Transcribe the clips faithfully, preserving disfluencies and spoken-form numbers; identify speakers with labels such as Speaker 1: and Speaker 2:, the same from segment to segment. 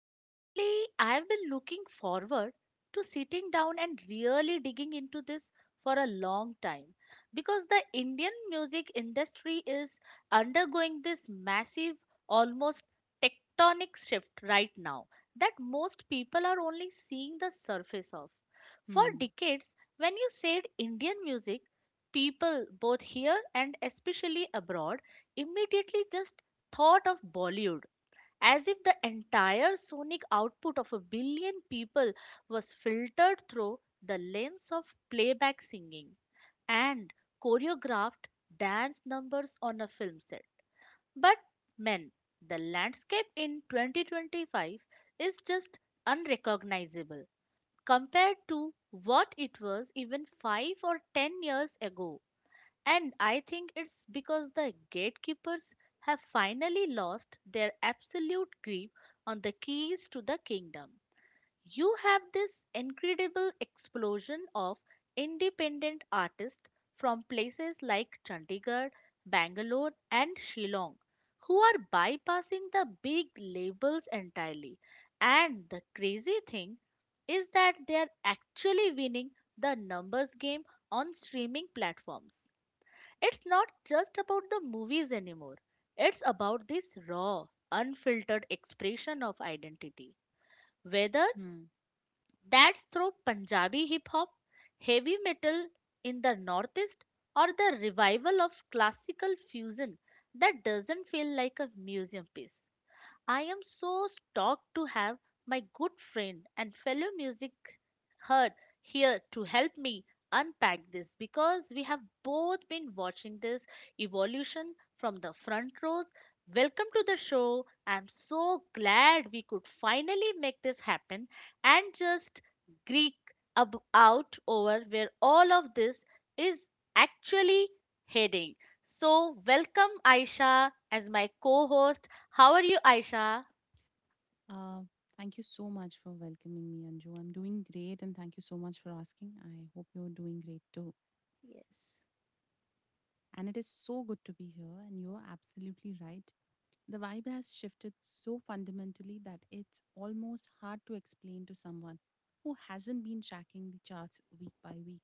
Speaker 1: Honestly, I've been looking forward to sitting down and really digging into this for a long time, because the Indian music industry is undergoing this massive, almost tectonic shift right now that most people are only seeing the surface of. For
Speaker 2: Hmm.
Speaker 1: decades, when you said Indian music, people both here and especially abroad immediately just thought of Bollywood, as if the entire sonic output of a billion people was filtered through the lens of playback singing and choreographed dance numbers on a film set. But, men, the landscape in twenty twenty-five is just unrecognizable compared to what it was even five or ten years ago. And I think it's because the gatekeepers have finally lost their absolute grip on the keys to the kingdom. You have this incredible explosion of independent artists from places like Chandigarh, Bangalore, and Shillong who are bypassing the big labels entirely. And the crazy thing is that they are actually winning the numbers game on streaming platforms. It's not just about the movies anymore. It's about this raw, unfiltered expression of identity. Whether
Speaker 2: Hmm.
Speaker 1: that's through Punjabi hip hop, heavy metal in the Northeast, or the revival of classical fusion that doesn't feel like a museum piece. I am so stoked to have my good friend and fellow music nerd here to help me unpack this, because we have both been watching this evolution from the front rows. Welcome to the show. I'm so glad we could finally make this happen and just Greek ab- out over where all of this is actually heading. So, welcome Aisha as my co host how are you, Aisha?
Speaker 2: Uh, Thank you so much for welcoming me, Anju. I'm doing great, and thank you so much for asking. I hope you're doing great too.
Speaker 1: Yes.
Speaker 2: And it is so good to be here, and you're absolutely right. The vibe has shifted so fundamentally that it's almost hard to explain to someone who hasn't been tracking the charts week by week.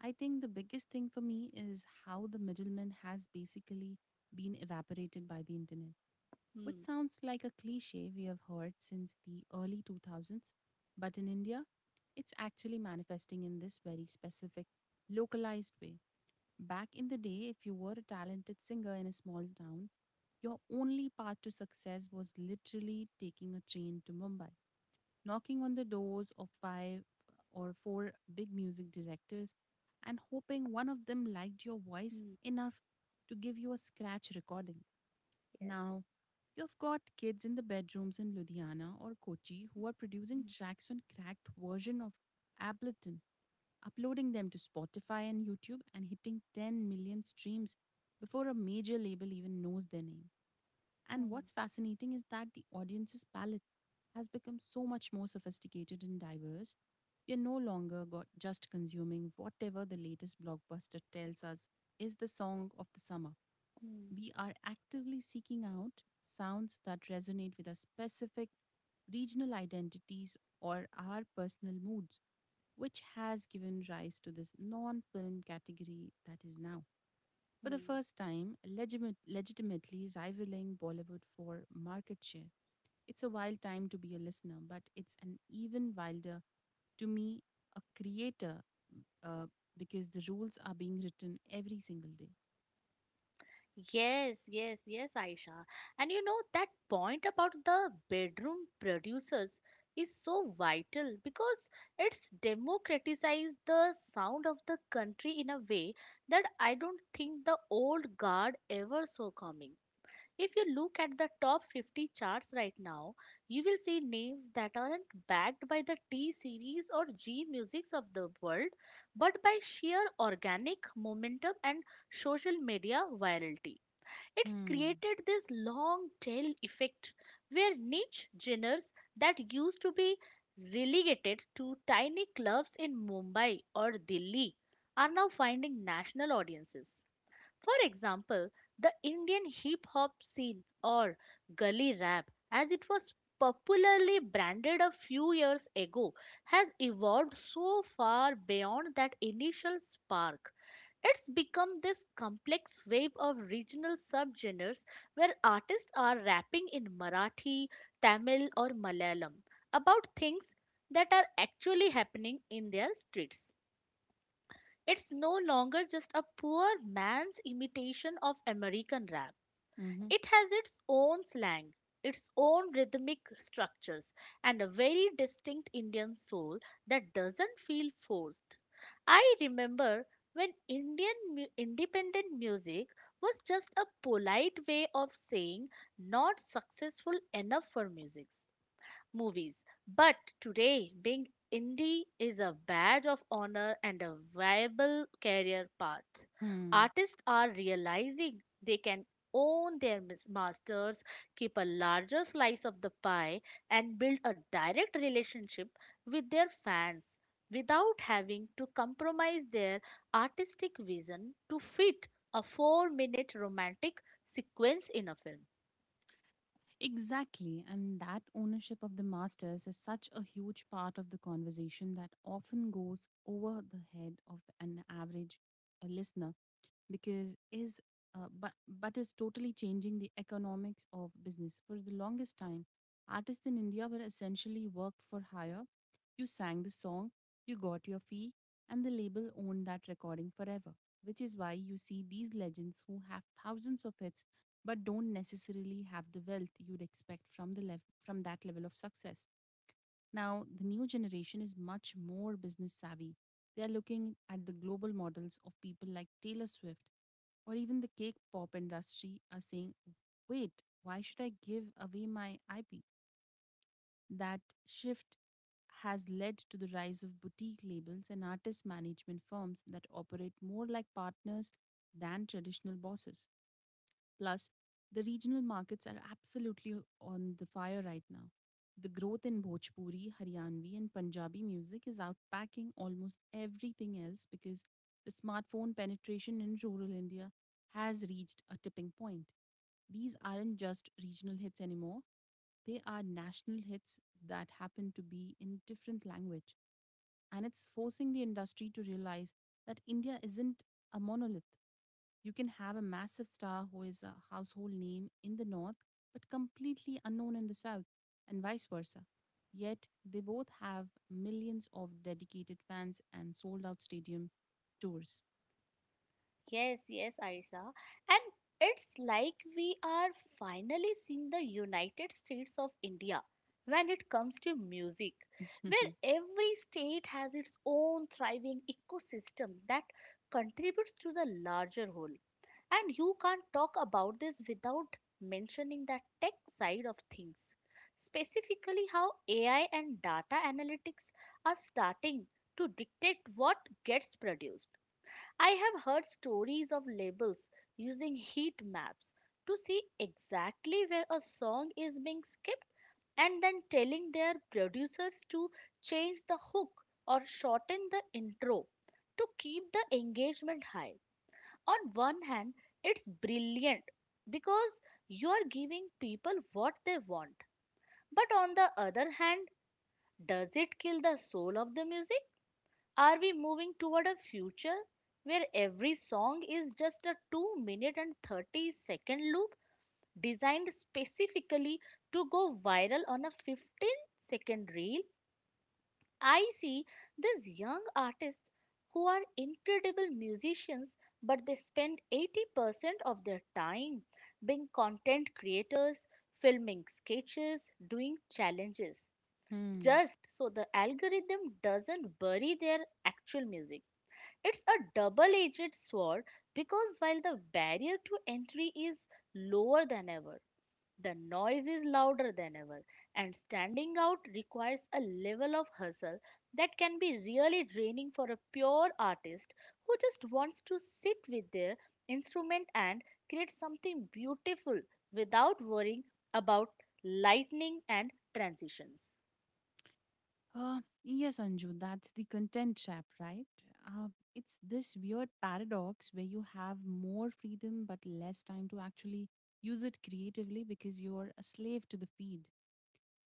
Speaker 2: I think the biggest thing for me is how the middleman has basically been evaporated by the internet, which
Speaker 1: Hmm.
Speaker 2: sounds like a cliche we have heard since the early two thousands, but in India, it's actually manifesting in this very specific, localized way. Back in the day, if you were a talented singer in a small town, your only path to success was literally taking a train to Mumbai, knocking on the doors of five or four big music directors, and hoping one of them liked your voice
Speaker 1: Hmm.
Speaker 2: enough to give you a scratch recording.
Speaker 1: Yes.
Speaker 2: Now, you've got kids in the bedrooms in Ludhiana or Kochi who are producing
Speaker 1: Hmm.
Speaker 2: tracks on cracked version of Ableton, uploading them to Spotify and YouTube and hitting ten million streams before a major label even knows their name. And
Speaker 1: Hmm.
Speaker 2: what's fascinating is that the audience's palette has become so much more sophisticated and diverse. We're no longer got just consuming whatever the latest blockbuster tells us is the song of the summer.
Speaker 1: Hmm.
Speaker 2: We are actively seeking out sounds that resonate with our specific regional identities or our personal moods, which has given rise to this non film category that is now, for the
Speaker 1: Hmm.
Speaker 2: first time, legimate- legitimately rivaling Bollywood for market share. It's a wild time to be a listener, but it's an even wilder to me, a creator, uh, because the rules are being written every single day.
Speaker 1: Yes, yes, yes, Aisha. And you know, that point about the bedroom producers is so vital, because it's democratized the sound of the country in a way that I don't think the old guard ever saw coming. If you look at the top fifty charts right now, you will see names that aren't backed by the T series or G musics of the world, but by sheer organic momentum and social media virality. It's
Speaker 2: Hmm.
Speaker 1: created this long tail effect where niche genres that used to be relegated to tiny clubs in Mumbai or Delhi are now finding national audiences. For example, the Indian hip hop scene, or gully rap, as it was popularly branded a few years ago, has evolved so far beyond that initial spark. It's become this complex wave of regional subgenres where artists are rapping in Marathi, Tamil, or Malayalam about things that are actually happening in their streets. It's no longer just a poor man's imitation of American rap.
Speaker 2: Mm-hmm.
Speaker 1: It has its own slang, its own rhythmic structures, and a very distinct Indian soul that doesn't feel forced. I remember when Indian mu- independent music was just a polite way of saying not successful enough for music movies. But today, being indie is a badge of honor and a viable career path.
Speaker 2: Hmm.
Speaker 1: Artists are realizing they can own their mis- masters, keep a larger slice of the pie, and build a direct relationship with their fans without having to compromise their artistic vision to fit a four minute romantic sequence in a film.
Speaker 2: Exactly, and that ownership of the masters is such a huge part of the conversation that often goes over the head of an average uh, listener, because is uh, but but is totally changing the economics of business. For the longest time, artists in India were essentially work for hire. You sang the song, you got your fee, and the label owned that recording forever, which is why you see these legends who have thousands of hits but don't necessarily have the wealth you'd expect from the lev- from that level of success. Now, the new generation is much more business savvy. They are looking at the global models of people like Taylor Swift or even the cake pop industry are saying, wait, why should I give away my I P? That shift has led to the rise of boutique labels and artist management firms that operate more like partners than traditional bosses. Plus, the regional markets are absolutely on the fire right now. The growth in Bhojpuri, Haryanvi, and Punjabi music is outpacking almost everything else because the smartphone penetration in rural India has reached a tipping point. These aren't just regional hits anymore, they are national hits that happen to be in different language, and it's forcing the industry to realize that india isn't a monolith. You can have a massive star who is a household name in the North but completely unknown in the South, and vice versa. Yet they both have millions of dedicated fans and sold out stadium tours.
Speaker 1: Yes, yes, Arisa. And it's like we are finally seeing the United States of India when it comes to music, where every state has its own thriving ecosystem that contributes to the larger whole. And you can't talk about this without mentioning the tech side of things, specifically how A I and data analytics are starting to dictate what gets produced. I have heard stories of labels using heat maps to see exactly where a song is being skipped and then telling their producers to change the hook or shorten the intro to keep the engagement high. On one hand, it's brilliant because you are giving people what they want. But on the other hand, does it kill the soul of the music? Are we moving toward a future where every song is just a two minute and thirty second loop designed specifically to go viral on a fifteen second reel? I see these young artists who are incredible musicians, but they spend eighty percent of their time being content creators, filming sketches, doing challenges
Speaker 2: Hmm.
Speaker 1: just so the algorithm doesn't bury their actual music. It's a double edged sword, because while the barrier to entry is lower than ever, the noise is louder than ever, and standing out requires a level of hustle that can be really draining for a pure artist who just wants to sit with their instrument and create something beautiful without worrying about lightning and transitions.
Speaker 2: Uh, yes, Anju, that's the content trap, right? Uh, it's this weird paradox where you have more freedom but less time to actually use it creatively because you're a slave to the feed.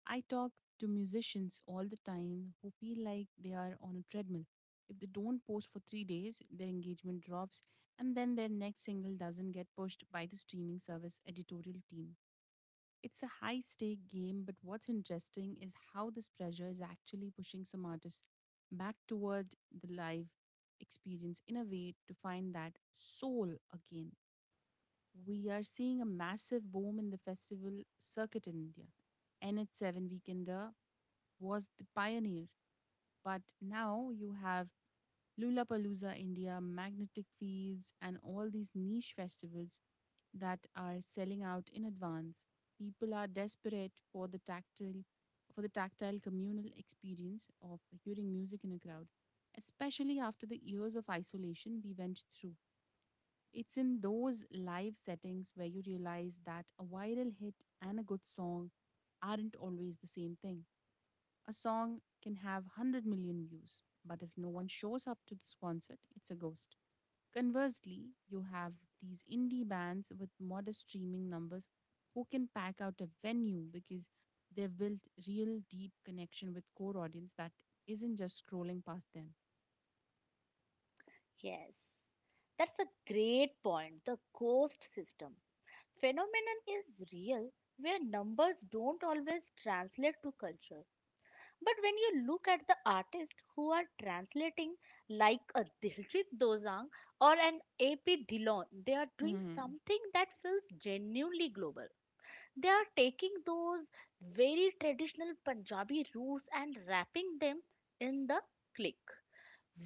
Speaker 2: I talk to musicians all the time who feel like they are on a treadmill. If they don't post for three days, their engagement drops, and then their next single doesn't get pushed by the streaming service editorial team. It's a high stake game, but what's interesting is how this pressure is actually pushing some artists back toward the live experience in a way to find that soul again. We are seeing a massive boom in the festival circuit in India. N H seven Weekender was the pioneer. But now you have Lollapalooza India, Magnetic Fields, and all these niche festivals that are selling out in advance. People are desperate for the tactile for the tactile communal experience of hearing music in a crowd, especially after the years of isolation we went through. It's in those live settings where you realize that a viral hit and a good song aren't always the same thing. A song can have one hundred million views, but if no one shows up to this concert, it's a ghost. Conversely, you have these indie bands with modest streaming numbers who can pack out a venue because they've built real deep connection with core audience that isn't just scrolling past them.
Speaker 1: Yes. That's a great point. The ghost system phenomenon is real, where numbers don't always translate to culture. But when you look at the artists who are translating, like a Diljit Dosanjh or an AP Dhillon, they are doing
Speaker 2: Hmm.
Speaker 1: something that feels genuinely global. They are taking those very traditional Punjabi roots and wrapping them in the click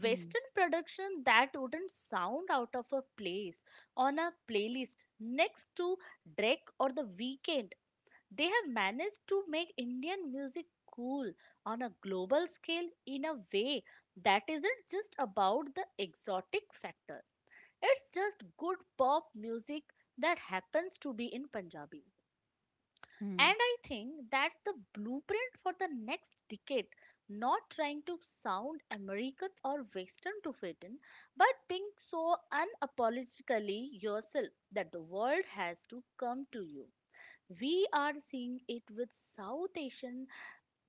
Speaker 2: Hmm.
Speaker 1: production that wouldn't sound out of a place on a playlist next to Drake or The Weeknd. They have managed to make Indian music cool on a global scale in a way that isn't just about the exotic factor. It's just good pop music that happens to be in Punjabi.
Speaker 2: Hmm.
Speaker 1: And I think that's the blueprint for the next decade. Not trying to sound American or Western to fit in, but being so unapologetically yourself that the world has to come to you. We are seeing it with South Asian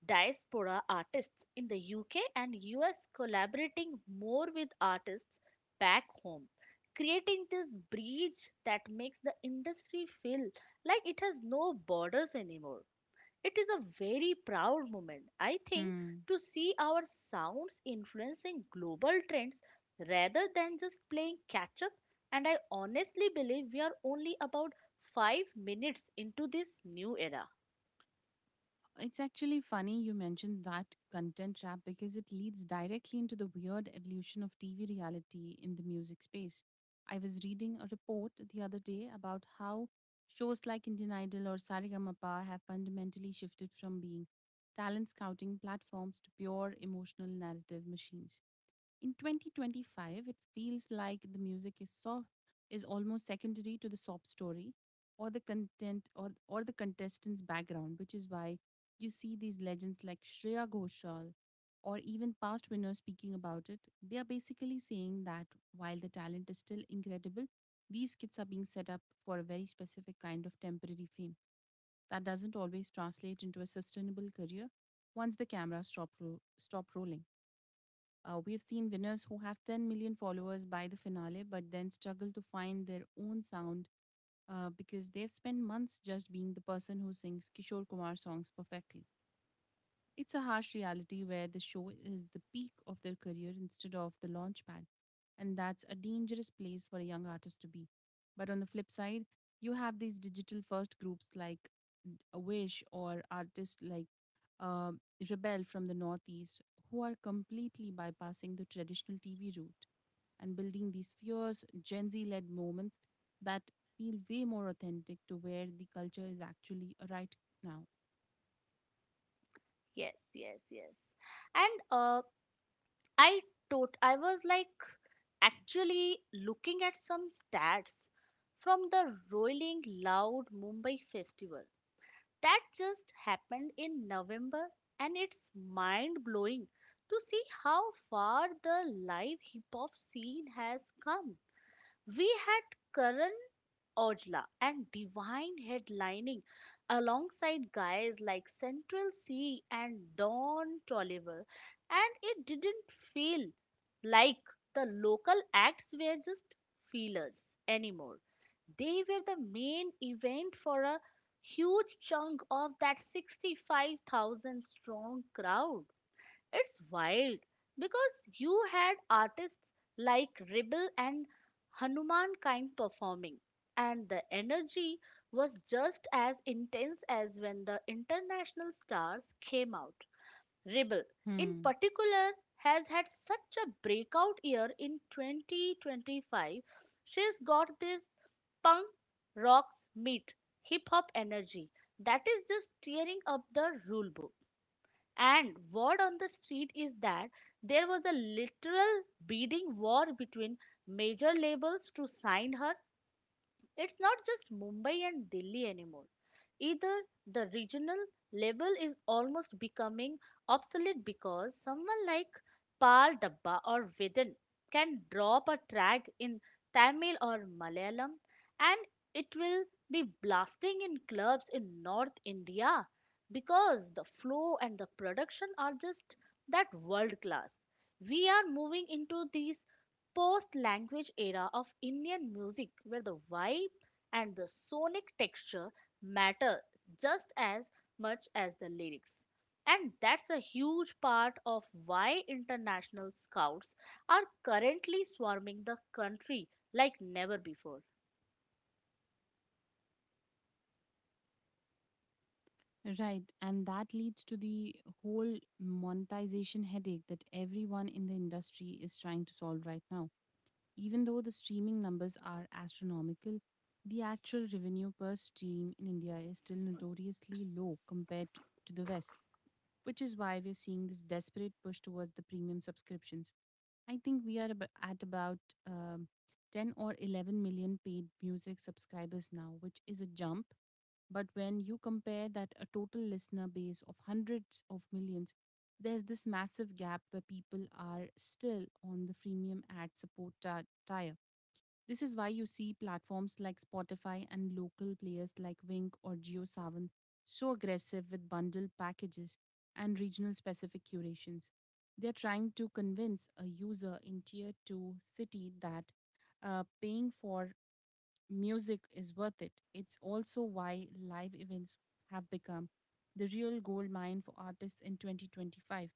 Speaker 1: diaspora artists in the U K and U S collaborating more with artists back home, creating this bridge that makes the industry feel like it has no borders anymore. It is a very proud moment, I think,
Speaker 2: Hmm.
Speaker 1: to see our sounds influencing global trends rather than just playing catch up. And I honestly believe we are only about five minutes into this new era.
Speaker 2: It's actually funny you mentioned that content trap because it leads directly into the weird evolution of T V reality in the music space. I was reading a report the other day about how shows like Indian Idol or Saregama have fundamentally shifted from being talent scouting platforms to pure emotional narrative machines. In twenty twenty-five, it feels like the music is so is almost secondary to the sob story or the content or or the contestant's background, which is why you see these legends like Shreya Ghoshal or even past winners speaking about it. They are basically saying that while the talent is still incredible, these kids are being set up for a very specific kind of temporary fame that doesn't always translate into a sustainable career once the cameras stop, ro- stop rolling. Uh, we've seen winners who have ten million followers by the finale, but then struggle to find their own sound uh, because they've spent months just being the person who sings Kishore Kumar songs perfectly. It's a harsh reality where the show is the peak of their career instead of the launch pad, and that's a dangerous place for a young artist to be. But on the flip side, you have these digital first groups like n- a Wish or artists like uh, Rebel from the Northeast who are completely bypassing the traditional T V route and building these fierce Gen Z led moments that feel way more authentic to where the culture is actually right now.
Speaker 1: Yes, yes, yes. And uh, I tot I was like actually looking at some stats from the Rolling Loud Mumbai Festival that just happened in November, and it's mind blowing to see how far the live hip hop scene has come. We had Karan Ojla and Divine headlining alongside guys like Central C and Don Tolliver, and it didn't feel like the local acts were just feelers anymore. They were the main event for a huge chunk of that sixty-five thousand strong crowd. It's wild because you had artists like Rebel and Hanuman kind performing, and the energy was just as intense as when the international stars came out. Rebel, in
Speaker 2: Hmm.
Speaker 1: particular, has had such a breakout year in twenty twenty-five. She's got this punk rocks meet hip hop energy that is just tearing up the rulebook. And word on the street is that there was a literal bidding war between major labels to sign her. It's not just Mumbai and Delhi anymore. Either the regional label is almost becoming obsolete, because someone like Pal Dabba or Vedan can drop a track in Tamil or Malayalam and it will be blasting in clubs in North India because the flow and the production are just that world class. We are moving into these post language era of Indian music where the vibe and the sonic texture matter just as much as the lyrics. And that's a huge part of why international scouts are currently swarming the country like never before.
Speaker 2: Right, and that leads to the whole monetization headache that everyone in the industry is trying to solve right now. Even though the streaming numbers are astronomical, the actual revenue per stream in India is still notoriously low compared t- to the West, which is why we're seeing this desperate push towards the premium subscriptions. I think we are ab- at about um, ten or eleven million paid music subscribers now, which is a jump, but when you compare that a total listener base of hundreds of millions, there's this massive gap where people are still on the freemium ad support ti- tier. This is why you see platforms like Spotify and local players like Wink or JioSaavn so aggressive with bundle packages and regional specific curations. They're trying to convince a user in tier two city that uh, paying for music is worth it. It's also why live events have become the real gold mine for artists in twenty twenty-five.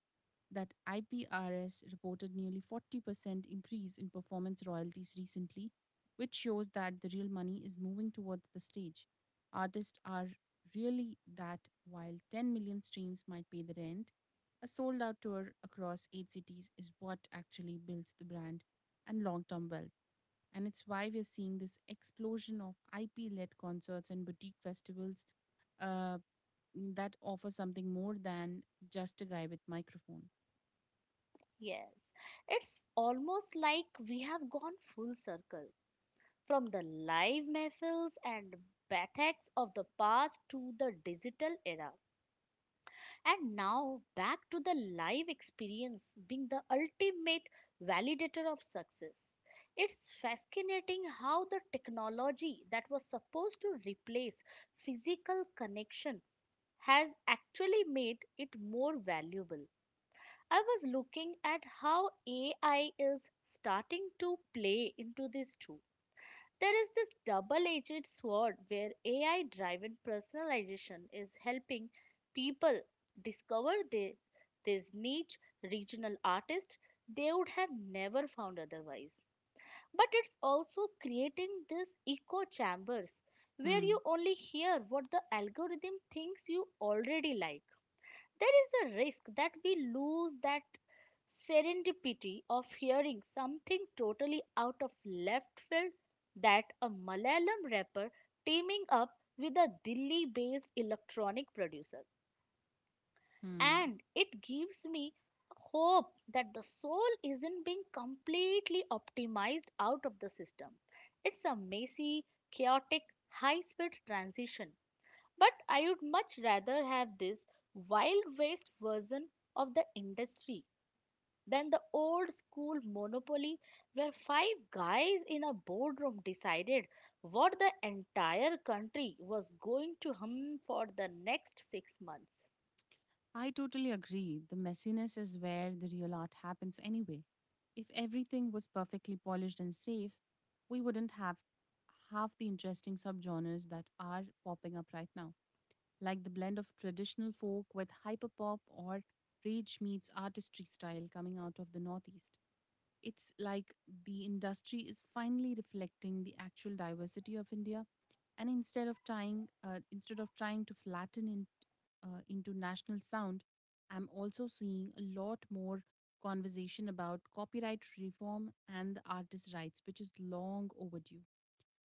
Speaker 2: That I P R S reported nearly forty percent increase in performance royalties recently, which shows that the real money is moving towards the stage. Artists are really that while ten million streams might pay the rent, a sold out tour across eight cities is what actually builds the brand and long term wealth. And it's why we're seeing this explosion of I P led concerts and boutique festivals uh, that offer something more than just a guy with microphone.
Speaker 1: Yes, it's almost like we have gone full circle from the live mehfils and bataks of the past to the digital era, and now back to the live experience being the ultimate validator of success. It's fascinating how the technology that was supposed to replace physical connection has actually made it more valuable. I was looking at how A I is starting to play into this too. There is this double edged sword where A I driven personalization is helping people discover the, these niche regional artists they would have never found otherwise. But it's also creating these echo chambers where you
Speaker 2: Hmm.
Speaker 1: only hear what the algorithm thinks you already like. There is a risk that we lose that serendipity of hearing something totally out of left field, that a Malayalam rapper teaming up with a Delhi based electronic producer.
Speaker 2: Hmm.
Speaker 1: And it gives me hope that the soul isn't being completely optimized out of the system. It's a messy, chaotic, high speed transition, but I would much rather have this wild west version of the industry than the old school monopoly where five guys in a boardroom decided what the entire country was going to hum for the next six months.
Speaker 2: I totally agree. The messiness is where the real art happens anyway. If everything was perfectly polished and safe, we wouldn't have half the interesting subgenres that are popping up right now, like the blend of traditional folk with hyperpop or rage meets artistry style coming out of the Northeast. It's like the industry is finally reflecting the actual diversity of India, and instead of trying, uh, instead of trying to flatten in, uh, into national sound. I'm also seeing a lot more conversation about copyright reform and the artist rights, which is long overdue.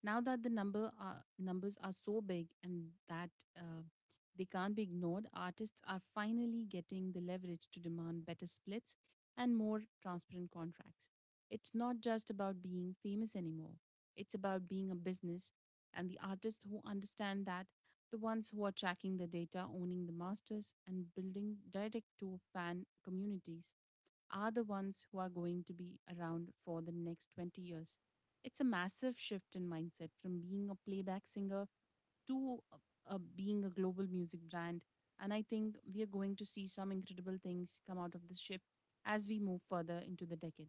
Speaker 2: Now that the number are, numbers are so big and that uh, they can't be ignored, artists are finally getting the leverage to demand better splits and more transparent contracts. It's not just about being famous anymore, it's about being a business, and the artists who understand that, the ones who are tracking the data, owning the masters, and building direct to fan communities, are the ones who are going to be around for the next twenty years. It's a massive shift in mindset from being a playback singer to uh, uh, being a global music brand. And I think we are going to see some incredible things come out of this shift as we move further into the decade.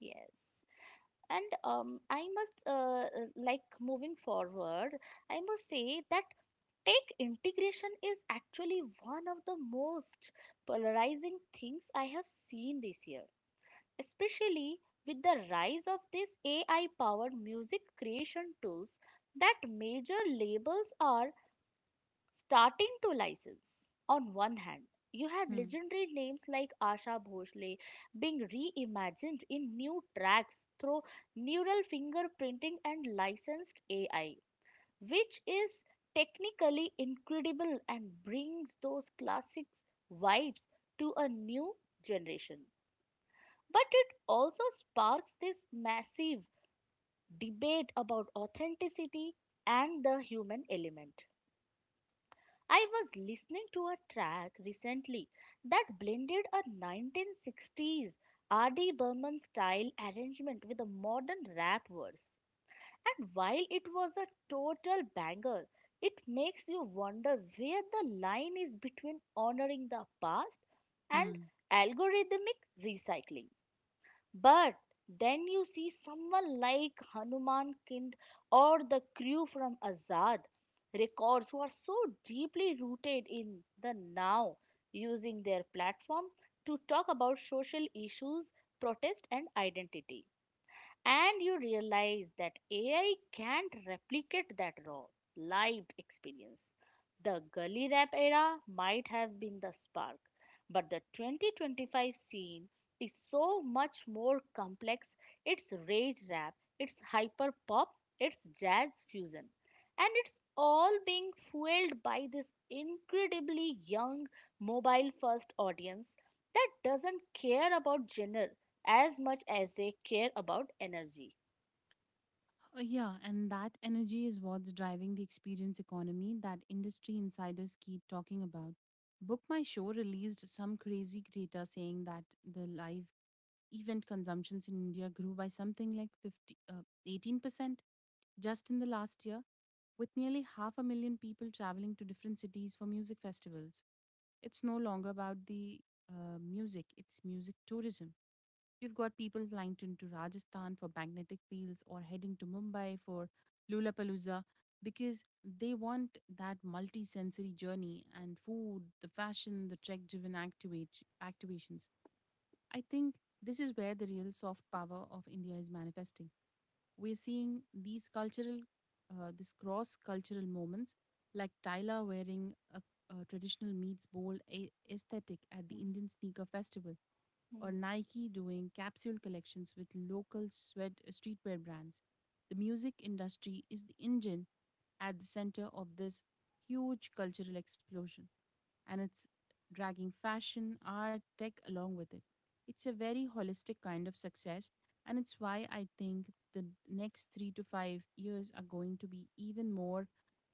Speaker 1: Yes. And um, I must, uh, uh, like, moving forward, I must say that tech integration is actually one of the most polarizing things I have seen this year. Especially with the rise of these A I powered music creation tools that major labels are starting to license. On one hand, you have
Speaker 2: Hmm.
Speaker 1: legendary names like Asha Bhosle being reimagined in new tracks through neural fingerprinting and licensed A I, which is technically incredible and brings those classics vibes to a new generation. But it also sparks this massive debate about authenticity and the human element. I was listening to a track recently that blended a nineteen sixties R D. Burman style arrangement with a modern rap verse. And while it was a total banger, it makes you wonder where the line is between honoring the past and
Speaker 2: Hmm.
Speaker 1: algorithmic recycling. But then you see someone like Hanuman Kind or the crew from Azad records who are so deeply rooted in the now, using their platform to talk about social issues, protest, and identity, and you realize that A I can't replicate that raw, live experience. The gully rap era might have been the spark, but the twenty twenty-five scene is so much more complex. It's rage rap, it's hyper pop, it's jazz fusion, and it's all being fueled by this incredibly young mobile first audience that doesn't care about genre as much as they care about energy.
Speaker 2: Uh, Yeah, and that energy is what's driving the experience economy that industry insiders keep talking about. Book My Show released some crazy data saying that the live event consumptions in India grew by something like fifty, uh, eighteen percent just in the last year, with nearly half a million people traveling to different cities for music festivals. It's no longer about the uh, music, it's music tourism. You've got people flying to, to Rajasthan for magnetic fields or heading to Mumbai for Lulapalooza because they want that multi-sensory journey and food, the fashion, the trek-driven activate activations. I think this is where the real soft power of India is manifesting. We're seeing these cultural, uh, this cross cultural moments, like Tyla wearing a, a traditional meets bowl a- aesthetic at the
Speaker 1: Mhm.
Speaker 2: Indian Sneaker Festival, or
Speaker 1: Mhm.
Speaker 2: Nike doing capsule collections with local sweat, uh, streetwear brands. The music industry is the engine at the center of this huge cultural explosion, and it's dragging fashion, art, tech along with it. It's a very holistic kind of success, and it's why I think the next three to five years are going to be even more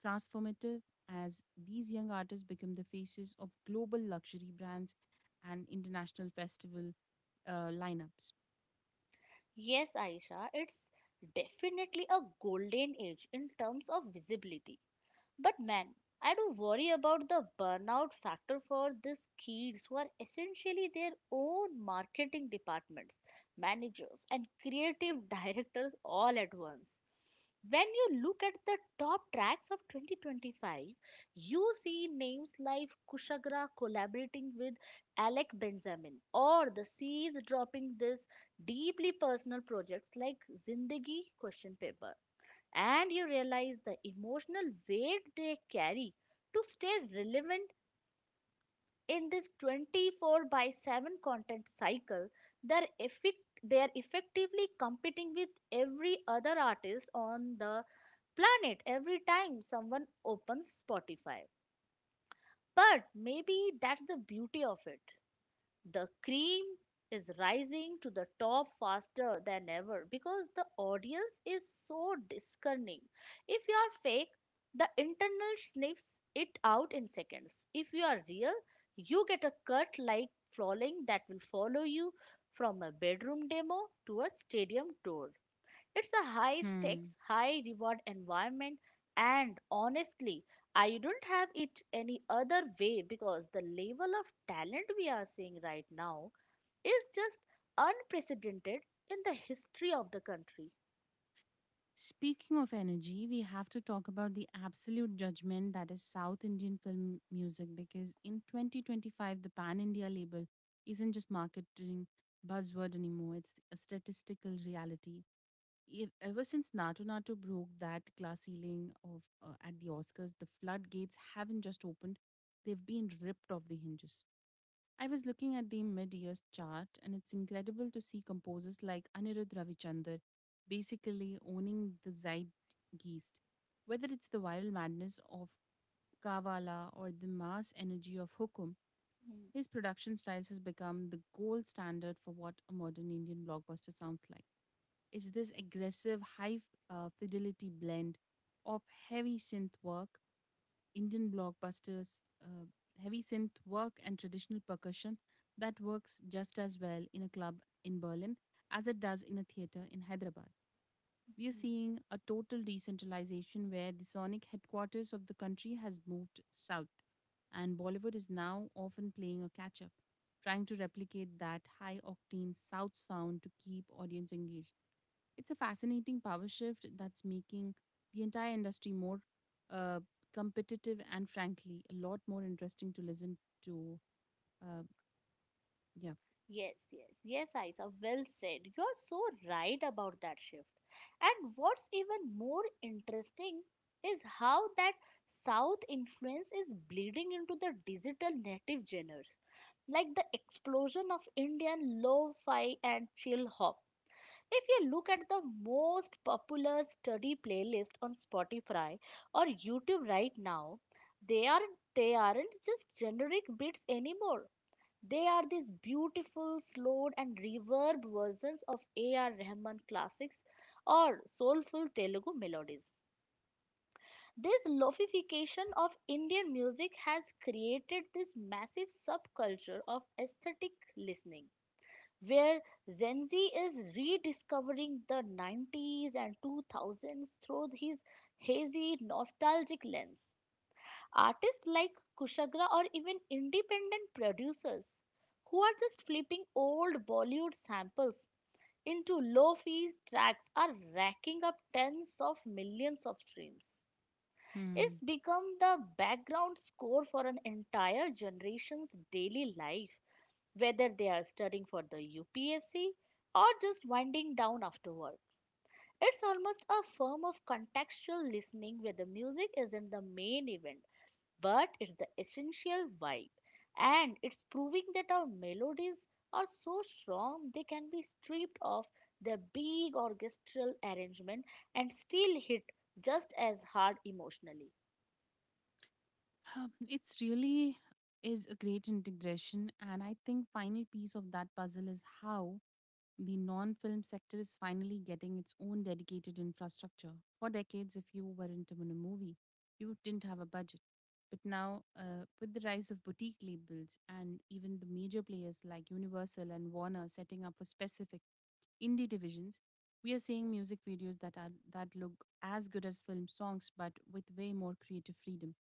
Speaker 2: transformative as these young artists become the faces of global luxury brands and international festival uh, lineups.
Speaker 1: Yes, Aisha, it's definitely a golden age in terms of visibility. But man, I do worry about the burnout factor for these kids who are essentially their own marketing departments, managers, and creative directors all at once. When you look at the top tracks of twenty twenty-five, you see names like Kushagra collaborating with Alec Benjamin or the C's dropping this deeply personal projects like Zindagi question paper. And you realize the emotional weight they carry to stay relevant in this twenty-four by seven content cycle. They're, effect- they're effectively competing with every other artist on the planet every time someone opens Spotify. But maybe that's the beauty of it. The cream is rising to the top faster than ever because the audience is so discerning. If you are fake, the internal sniffs it out in seconds. If you are real, you get a cut like flowing that will follow you from a bedroom demo to a stadium tour. It's a high
Speaker 2: Hmm.
Speaker 1: stakes, high reward environment, and honestly, I don't have it any other way because the level of talent we are seeing right now is just unprecedented in the history of the country.
Speaker 2: Speaking of energy, we have to talk about the absolute judgment that is South Indian film music because in twenty twenty-five, the Pan India label isn't just marketing buzzword anymore, it's a statistical reality. Ev- Ever since Natu Natu broke that glass ceiling of uh, at the Oscars, the floodgates haven't just opened; they've been ripped off the hinges. I was looking at the mid-years chart, and it's incredible to see composers like Anirudh Ravichander basically owning the zeitgeist, whether it's the viral madness of Kavala or the mass energy of Hukum,
Speaker 1: Mm,
Speaker 2: his production styles has become the gold standard for what a modern Indian blockbuster sounds like. It's this aggressive, high uh, fidelity blend of heavy synth work Indian blockbusters, uh, heavy synth work, and traditional percussion that works just as well in a club in Berlin as it does in a theater in Hyderabad. We are
Speaker 1: mm.
Speaker 2: seeing a total decentralization where the sonic headquarters of the country has moved south, and Bollywood is now often playing a catch up, trying to replicate that high octane south sound to keep audience engaged. It's a fascinating power shift that's making the entire industry more uh, competitive and, frankly, a lot more interesting to listen to. Uh, yeah.
Speaker 1: Yes, yes, yes, Isa, well said. You're so right about that shift. And what's even more interesting is how that South influence is bleeding into the digital native genres, like the explosion of Indian lo-fi and chill hop. If you look at the most popular study playlist on Spotify or YouTube right now, they aren't they aren't just generic beats anymore. They are these beautiful, slowed and reverb versions of A R. Rahman classics or soulful Telugu melodies. This lofification of Indian music has created this massive subculture of aesthetic listening, where Gen Z is rediscovering the nineties and two thousands through his hazy, nostalgic lens. Artists like Kushagra or even independent producers who are just flipping old Bollywood samples into low fee tracks are racking up tens of millions of streams.
Speaker 2: Hmm.
Speaker 1: It's become the background score for an entire generation's daily life, whether they are studying for the U P S C or just winding down after work. It's almost a form of contextual listening where the music isn't the main event, but it's the essential vibe, and it's proving that our melodies are so strong they can be stripped of their big orchestral arrangement and still hit just as hard emotionally.
Speaker 2: Um, it's really is a great integration, and I think final piece of that puzzle is how the non-film sector is finally getting its own dedicated infrastructure. For decades, if you were into a movie, you didn't have a budget. But now, uh, with the rise of boutique labels and even the major players like Universal and Warner setting up for specific indie divisions, we are seeing music videos that are that look as good as film songs, but with way more creative freedom.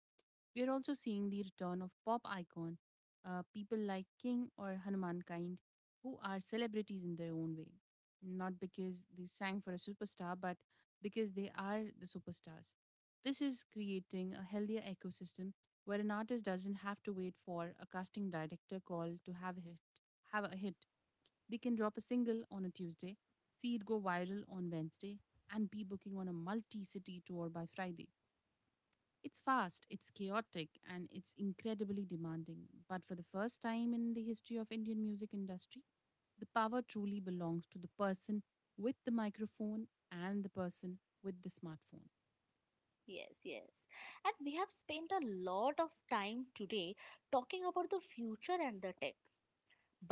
Speaker 2: We are also seeing the return of pop icon, uh, people like King or Hanuman Kind, who are celebrities in their own way. Not because they sang for a superstar, but because they are the superstars. This is creating a healthier ecosystem where an artist doesn't have to wait for a casting director call to have a hit. Have a hit. They can drop a single on a Tuesday, see it go viral on Wednesday, and be booking on a multi-city tour by Friday. It's fast, it's chaotic, and it's incredibly demanding. But for the first time in the history of Indian music industry, the power truly belongs to the person with the microphone and the person with the smartphone.
Speaker 1: Yes, yes, and we have spent a lot of time today talking about the future and the tech,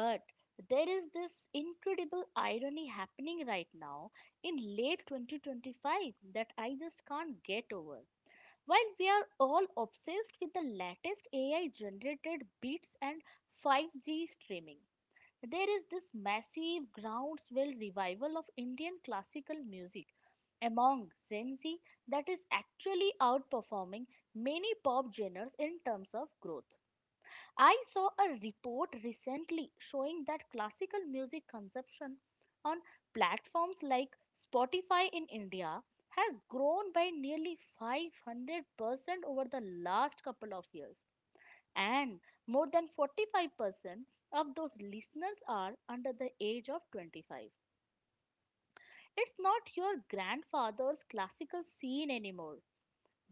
Speaker 1: but there is this incredible irony happening right now in late twenty twenty-five that I just can't get over. While we are all obsessed with the latest A I generated beats and five G streaming, there is this massive groundswell revival of Indian classical music among Gen Z that is actually outperforming many pop genres in terms of growth. I saw a report recently showing that classical music consumption on platforms like Spotify in India has grown by nearly five hundred percent over the last couple of years. And more than forty-five percent of those listeners are under the age of twenty-five. It's not your grandfather's classical scene anymore.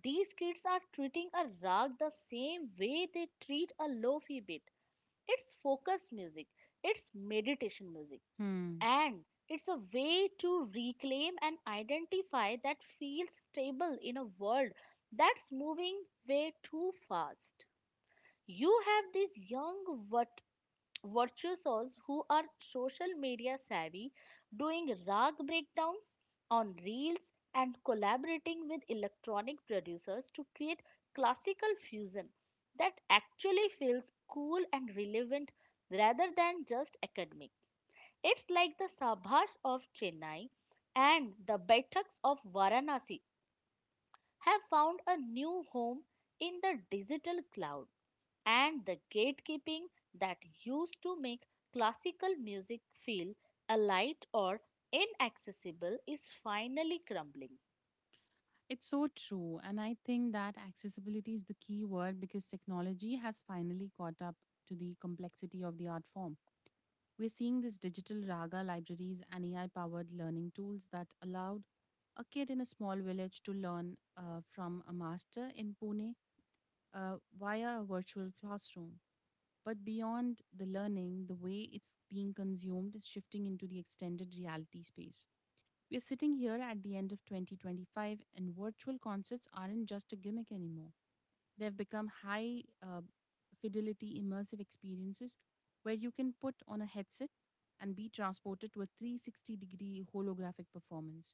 Speaker 1: These kids are treating a rag the same way they treat a lofi beat. It's focused music, it's meditation music,
Speaker 2: Hmm.
Speaker 1: and it's a way to reclaim an identify that feels stable in a world that's moving way too fast. You have these young, virtuosos who are social media savvy doing rag breakdowns on reels and collaborating with electronic producers to create classical fusion that actually feels cool and relevant rather than just academic. It's like the Sabhas of Chennai and the Baithaks of Varanasi have found a new home in the digital cloud, and the gatekeeping that used to make classical music feel alight or inaccessible is finally crumbling.
Speaker 2: It's so true. And I think that accessibility is the key word because technology has finally caught up to the complexity of the art form. We're seeing these digital raga libraries and A I powered learning tools that allowed a kid in a small village to learn uh, from a master in Pune uh, via a virtual classroom. But beyond the learning, the way it's being consumed is shifting into the extended reality space. We are sitting here at the end of twenty twenty-five, and virtual concerts aren't just a gimmick anymore. They've become high uh, fidelity immersive experiences where you can put on a headset and be transported to a three sixty degree holographic performance.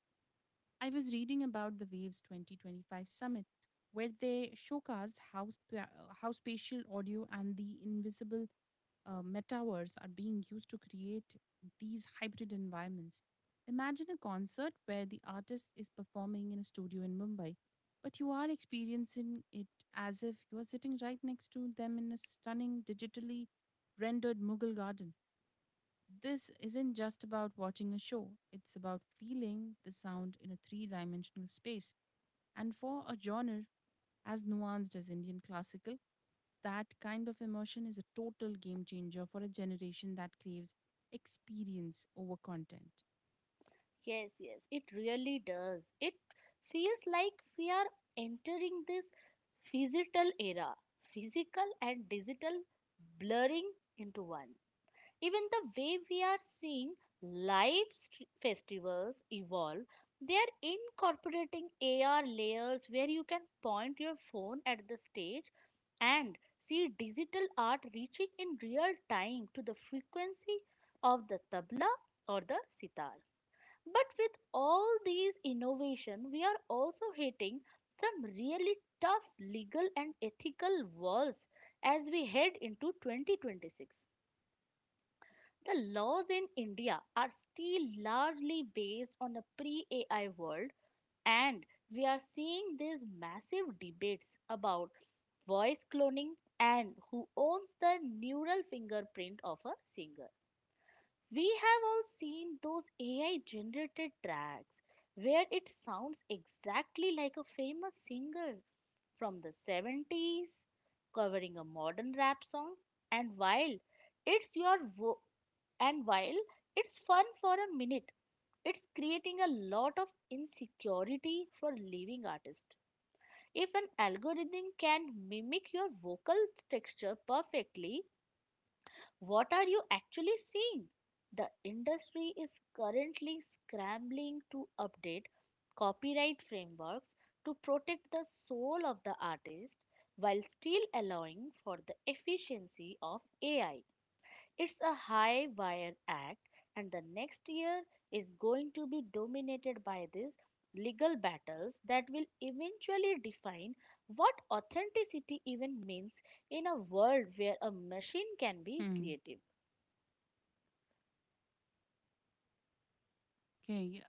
Speaker 2: I was reading about the Waves twenty twenty-five summit, where they showcased how, spa- how spatial audio and the invisible uh, metaverse are being used to create these hybrid environments. Imagine a concert where the artist is performing in a studio in Mumbai, but you are experiencing it as if you are sitting right next to them in a stunning, digitally rendered Mughal garden. This isn't just about watching a show, it's about feeling the sound in a three dimensional space. And for a genre as nuanced as Indian classical, that kind of emotion is a total game changer for a generation that craves experience over content.
Speaker 1: Yes, yes, it really does. It feels like we are entering this physical era, physical and digital blurring into one. Even the way we are seeing live st- festivals evolve, they are incorporating A R layers where you can point your phone at the stage and see digital art reaching in real time to the frequency of the tabla or the sitar. But with all these innovation, we are also hitting some really tough legal and ethical walls as we head into twenty twenty-six. The laws in India are still largely based on a pre A I world, and we are seeing these massive debates about voice cloning and who owns the neural fingerprint of a singer. We have all seen those A I generated tracks where it sounds exactly like a famous singer from the seventies covering a modern rap song, and while it's your vo- and while it's fun for a minute, it's creating a lot of insecurity for living artists. If an algorithm can mimic your vocal texture perfectly, what are you actually seeing? The industry is currently scrambling to update copyright frameworks to protect the soul of the artist while still allowing for the efficiency of A I. It's a high wire act, and the next year is going to be dominated by these legal battles that will eventually define what authenticity even means in a world where a machine can be
Speaker 2: Hmm.
Speaker 1: creative.
Speaker 2: Okay.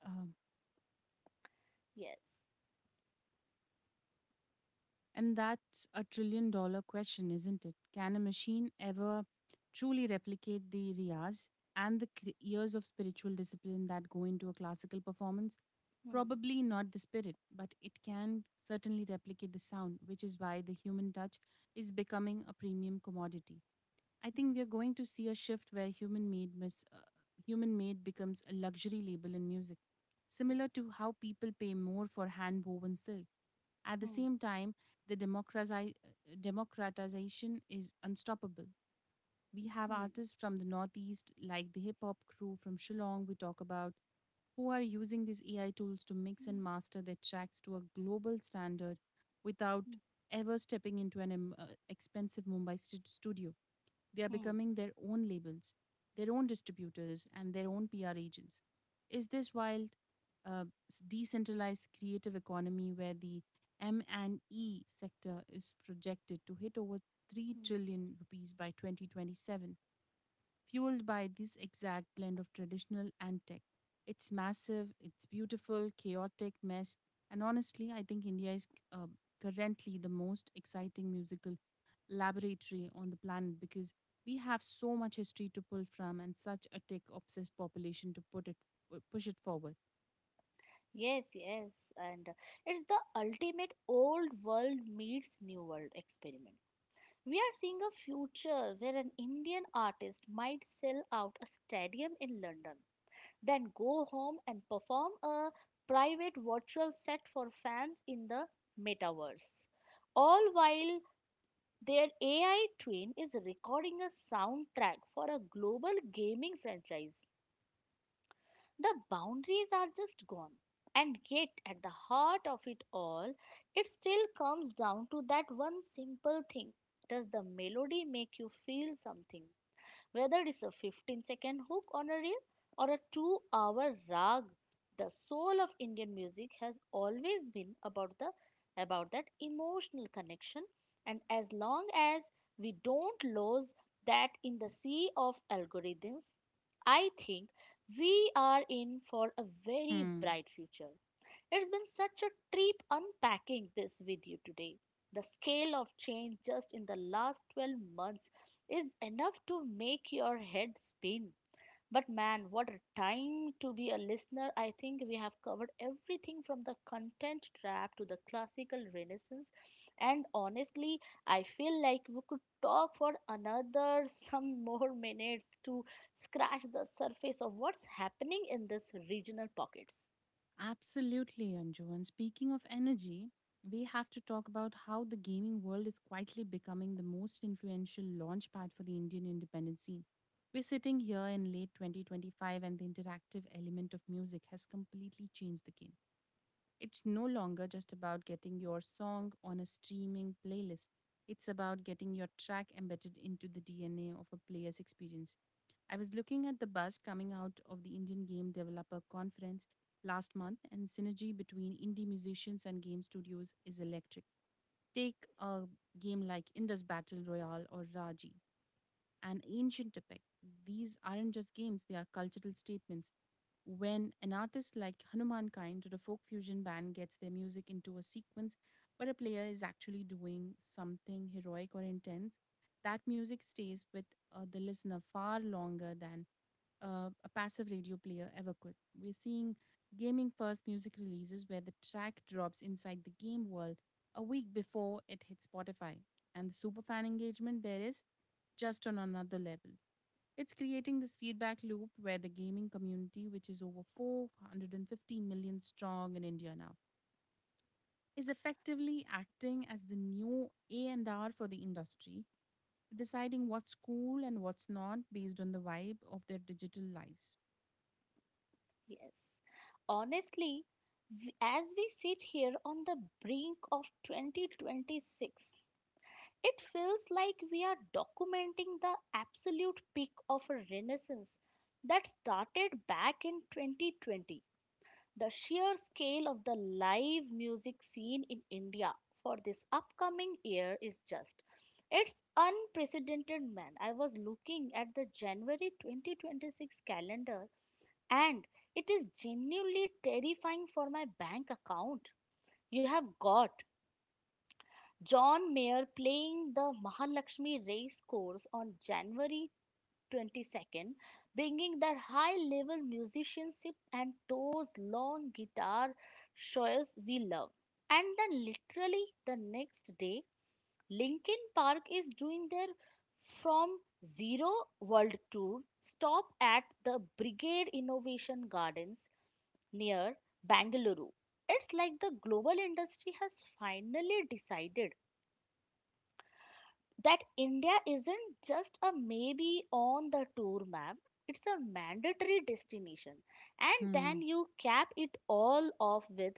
Speaker 1: Yes.
Speaker 2: And that's a trillion dollar question, isn't it? Can a machine ever truly replicate the riyas and the cre- years of spiritual discipline that go into a classical performance?
Speaker 1: Hmm.
Speaker 2: Probably not the spirit, but it can certainly replicate the sound, which is why the human touch is becoming a premium commodity. I think we are going to see a shift where human made mis- uh, human made becomes a luxury label in music,
Speaker 1: Hmm. Yes.
Speaker 2: similar to how people pay more for hand woven silk. At the
Speaker 1: Hmm.
Speaker 2: same time, the democratizi- uh, democratization is unstoppable. We have
Speaker 1: Hmm.
Speaker 2: artists from the Northeast, like the hip hop crew from Shillong we talk about, who are using these A I tools to mix
Speaker 1: Hmm.
Speaker 2: and master their tracks to a global standard without
Speaker 1: Hmm.
Speaker 2: ever stepping into an em- uh, expensive Mumbai stu- studio. They are
Speaker 1: Hmm.
Speaker 2: becoming their own labels, their own distributors, and their own P R agents. Is this wild, uh, decentralized creative economy where the M and E sector is projected to hit over three
Speaker 1: Hmm.
Speaker 2: trillion rupees by twenty twenty-seven, fueled by this exact blend of traditional and tech. It's massive, it's beautiful, chaotic mess, and honestly, I think India is uh, currently the most exciting musical laboratory on the planet because we have so much history to pull from and such a tech obsessed population to put it push it forward.
Speaker 1: Yes, yes, and uh, it's the ultimate old world meets new world experiment. We are seeing a future where an Indian artist might sell out a stadium in London, then go home and perform a private virtual set for fans in the metaverse, all while their A I train is recording a soundtrack for a global gaming franchise. The boundaries are just gone. And yet, at the heart of it all, it still comes down to that one simple thing. Does the melody make you feel something? Whether it is a fifteen second hook on a reel or a two hour rag, the soul of Indian music has always been about the about that emotional connection, and as long as we don't lose that in the sea of algorithms, I think we are in for a very
Speaker 2: Hmm.
Speaker 1: bright future. It's been such a trip unpacking this with you today. The scale of change just in the last twelve months is enough to make your head spin. But man, what a time to be a listener. I think we have covered everything from the content trap to the classical renaissance. And honestly, I feel like we could talk for another some more minutes to scratch the surface of what's happening in these regional pockets.
Speaker 2: Absolutely, Anju. And speaking of energy, we have to talk about how the gaming world is quietly becoming the most influential launchpad for the Indian independence scene. We're sitting here in late twenty twenty-five, and the interactive element of music has completely changed the game. It's no longer just about getting your song on a streaming playlist. It's about getting your track embedded into the D N A of a player's experience. I was looking at the buzz coming out of the Indian Game Developer Conference last month, and synergy between indie musicians and game studios is electric. Take a game like Indus Battle Royale or Raji and ancient epic. These aren't just games, they are cultural statements. When an artist like Hanumankind or a folk fusion band gets their music into a sequence where a player is actually doing something heroic or intense, that music stays with uh, the listener far longer than uh, a passive radio player ever could. We're seeing gaming first music releases where the track drops inside the game world a week before it hits Spotify. And the superfan engagement there is just on another level. It's creating this feedback loop where the gaming community, which is over four hundred fifty million strong in India now, is effectively acting as the new A and R for the industry, deciding what's cool and what's not based on the vibe of their digital lives.
Speaker 1: Yes. Honestly, w- as we sit here on the brink of twenty twenty-six, it feels like we are documenting the absolute peak of a renaissance that started back in twenty twenty. The sheer scale of the live music scene in India for this upcoming year is just, it's unprecedented, man. I was looking at the January twenty twenty-six calendar, and it is genuinely terrifying for my bank account. You have got John Mayer playing the Mahalakshmi race course on January twenty-second, bringing that high level musicianship and those long guitar shows we love. And then, literally, the next day, Linkin Park is doing their From Zero World Tour stop at the Brigade Innovation Gardens near Bangalore. It's like the global industry has finally decided that India isn't just a maybe on the tour map, it's a mandatory destination. And then
Speaker 2: Hmm.
Speaker 1: you cap it all off with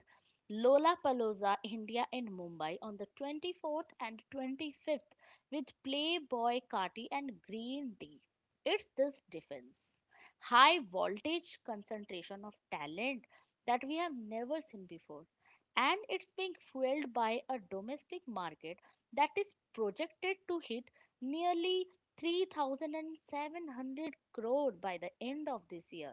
Speaker 1: Lollapalooza India in Mumbai on the twenty-fourth and twenty-fifth with Playboy Kati and Green Tea. It's this defense, high voltage concentration of talent that we have never seen before, and it's being fueled by a domestic market that is projected to hit nearly three thousand seven hundred crore by the end of this year.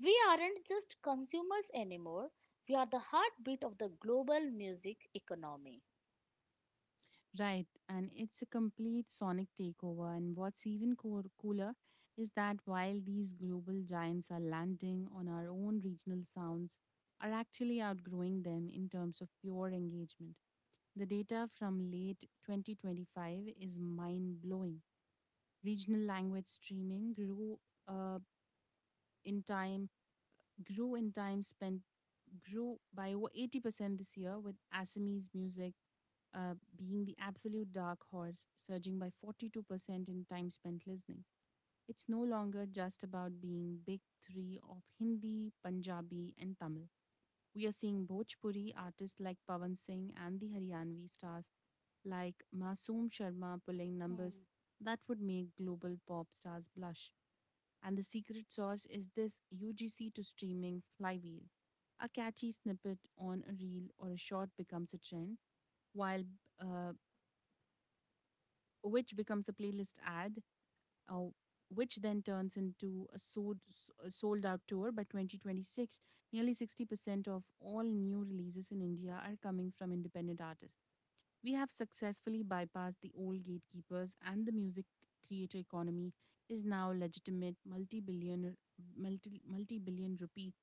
Speaker 1: We aren't just consumers anymore, we are the heartbeat of the global music economy.
Speaker 2: Right, and it's a complete sonic takeover. And what's even coo- cooler is that while these global giants are landing on our own regional sounds, are actually outgrowing them in terms of pure engagement. The data from late twenty twenty-five is mind blowing. Regional language streaming grew uh, in time, grew in time spent, grew by over eighty percent this year with Assamese music uh, being the absolute dark horse, surging by forty-two percent in time spent listening. It's no longer just about being big three of Hindi, Punjabi, and Tamil. We are seeing Bhojpuri artists like Pawan Singh and the Haryanvi stars like Masoom Sharma pulling numbers
Speaker 1: Hmm.
Speaker 2: that would make global pop stars blush. And the secret sauce is this U G C to streaming flywheel. A catchy snippet on a reel or a short becomes a trend, while uh, which becomes a playlist ad, uh, which then turns into a sold, a sold out tour by twenty twenty-six. Nearly sixty percent of all new releases in India are coming from independent artists. We have successfully bypassed the old gatekeepers, and the music creator economy is now legitimate multi-billion multi multi-billion rupee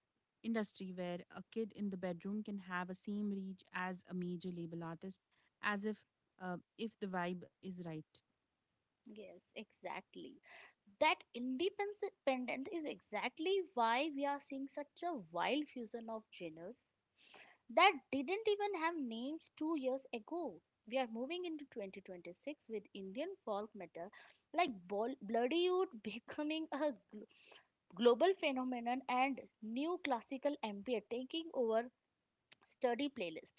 Speaker 2: industry where a kid in the bedroom can have a same reach as a major label artist as if uh, if the vibe is right.
Speaker 1: Yes, exactly. That independence is exactly why we are seeing such a wild fusion of genres that didn't even have names two years ago. We are moving into twenty twenty-six with Indian folk metal like Bol- Bloody Oud becoming a gl- global phenomenon, and new classical ambient taking over study playlist.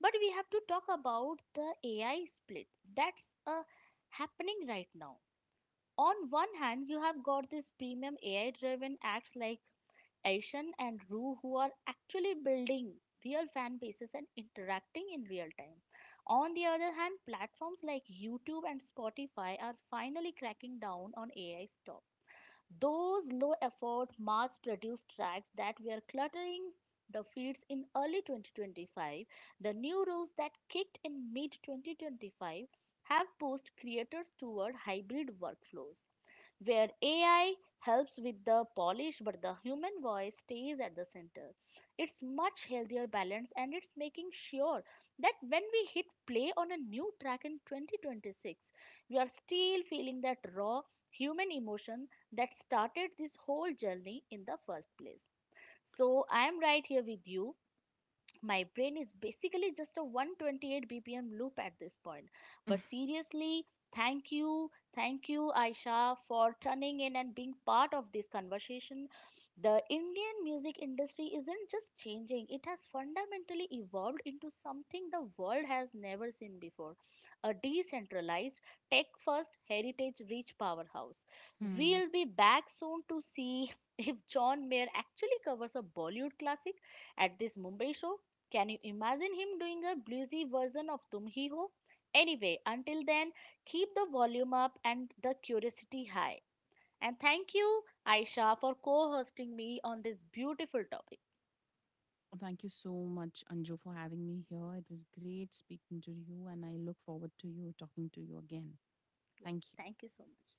Speaker 1: But we have to talk about the A I split that's uh, happening right now. On one hand, you have got these premium A I driven acts like Aishan and Roo who are actually building real fan bases and interacting in real time. On the other hand, platforms like YouTube and Spotify are finally cracking down on A I stuff. Those low effort, mass produced tracks that were cluttering the feeds in early twenty twenty-five, the new rules that kicked in mid twenty twenty-five have pushed creators toward hybrid workflows where A I helps with the polish, but the human voice stays at the center. It's much healthier balance, and it's making sure that when we hit play on a new track in twenty twenty-six, we are still feeling that raw human emotion that started this whole journey in the first place. So I am right here with you. My brain is basically just a one twenty-eight bpm loop at this point. But seriously, thank you, thank you, Aisha, for turning in and being part of this conversation. The Indian music industry isn't just changing, it has fundamentally evolved into something the world has never seen before, a decentralized, tech first, heritage rich powerhouse.
Speaker 2: Hmm.
Speaker 1: We'll be back soon to see if John Mayer actually covers a Bollywood classic at this Mumbai show. Can you imagine him doing a bluesy version of Tum Hi Ho? Anyway, until then, keep the volume up and the curiosity high. And thank you, Aisha, for co hosting me on this beautiful topic.
Speaker 2: Well, thank you so much, Anju, for having me here. It was great speaking to you, and I look forward to you talking to you again.
Speaker 1: Yes,
Speaker 2: Thank you.
Speaker 1: thank you so much.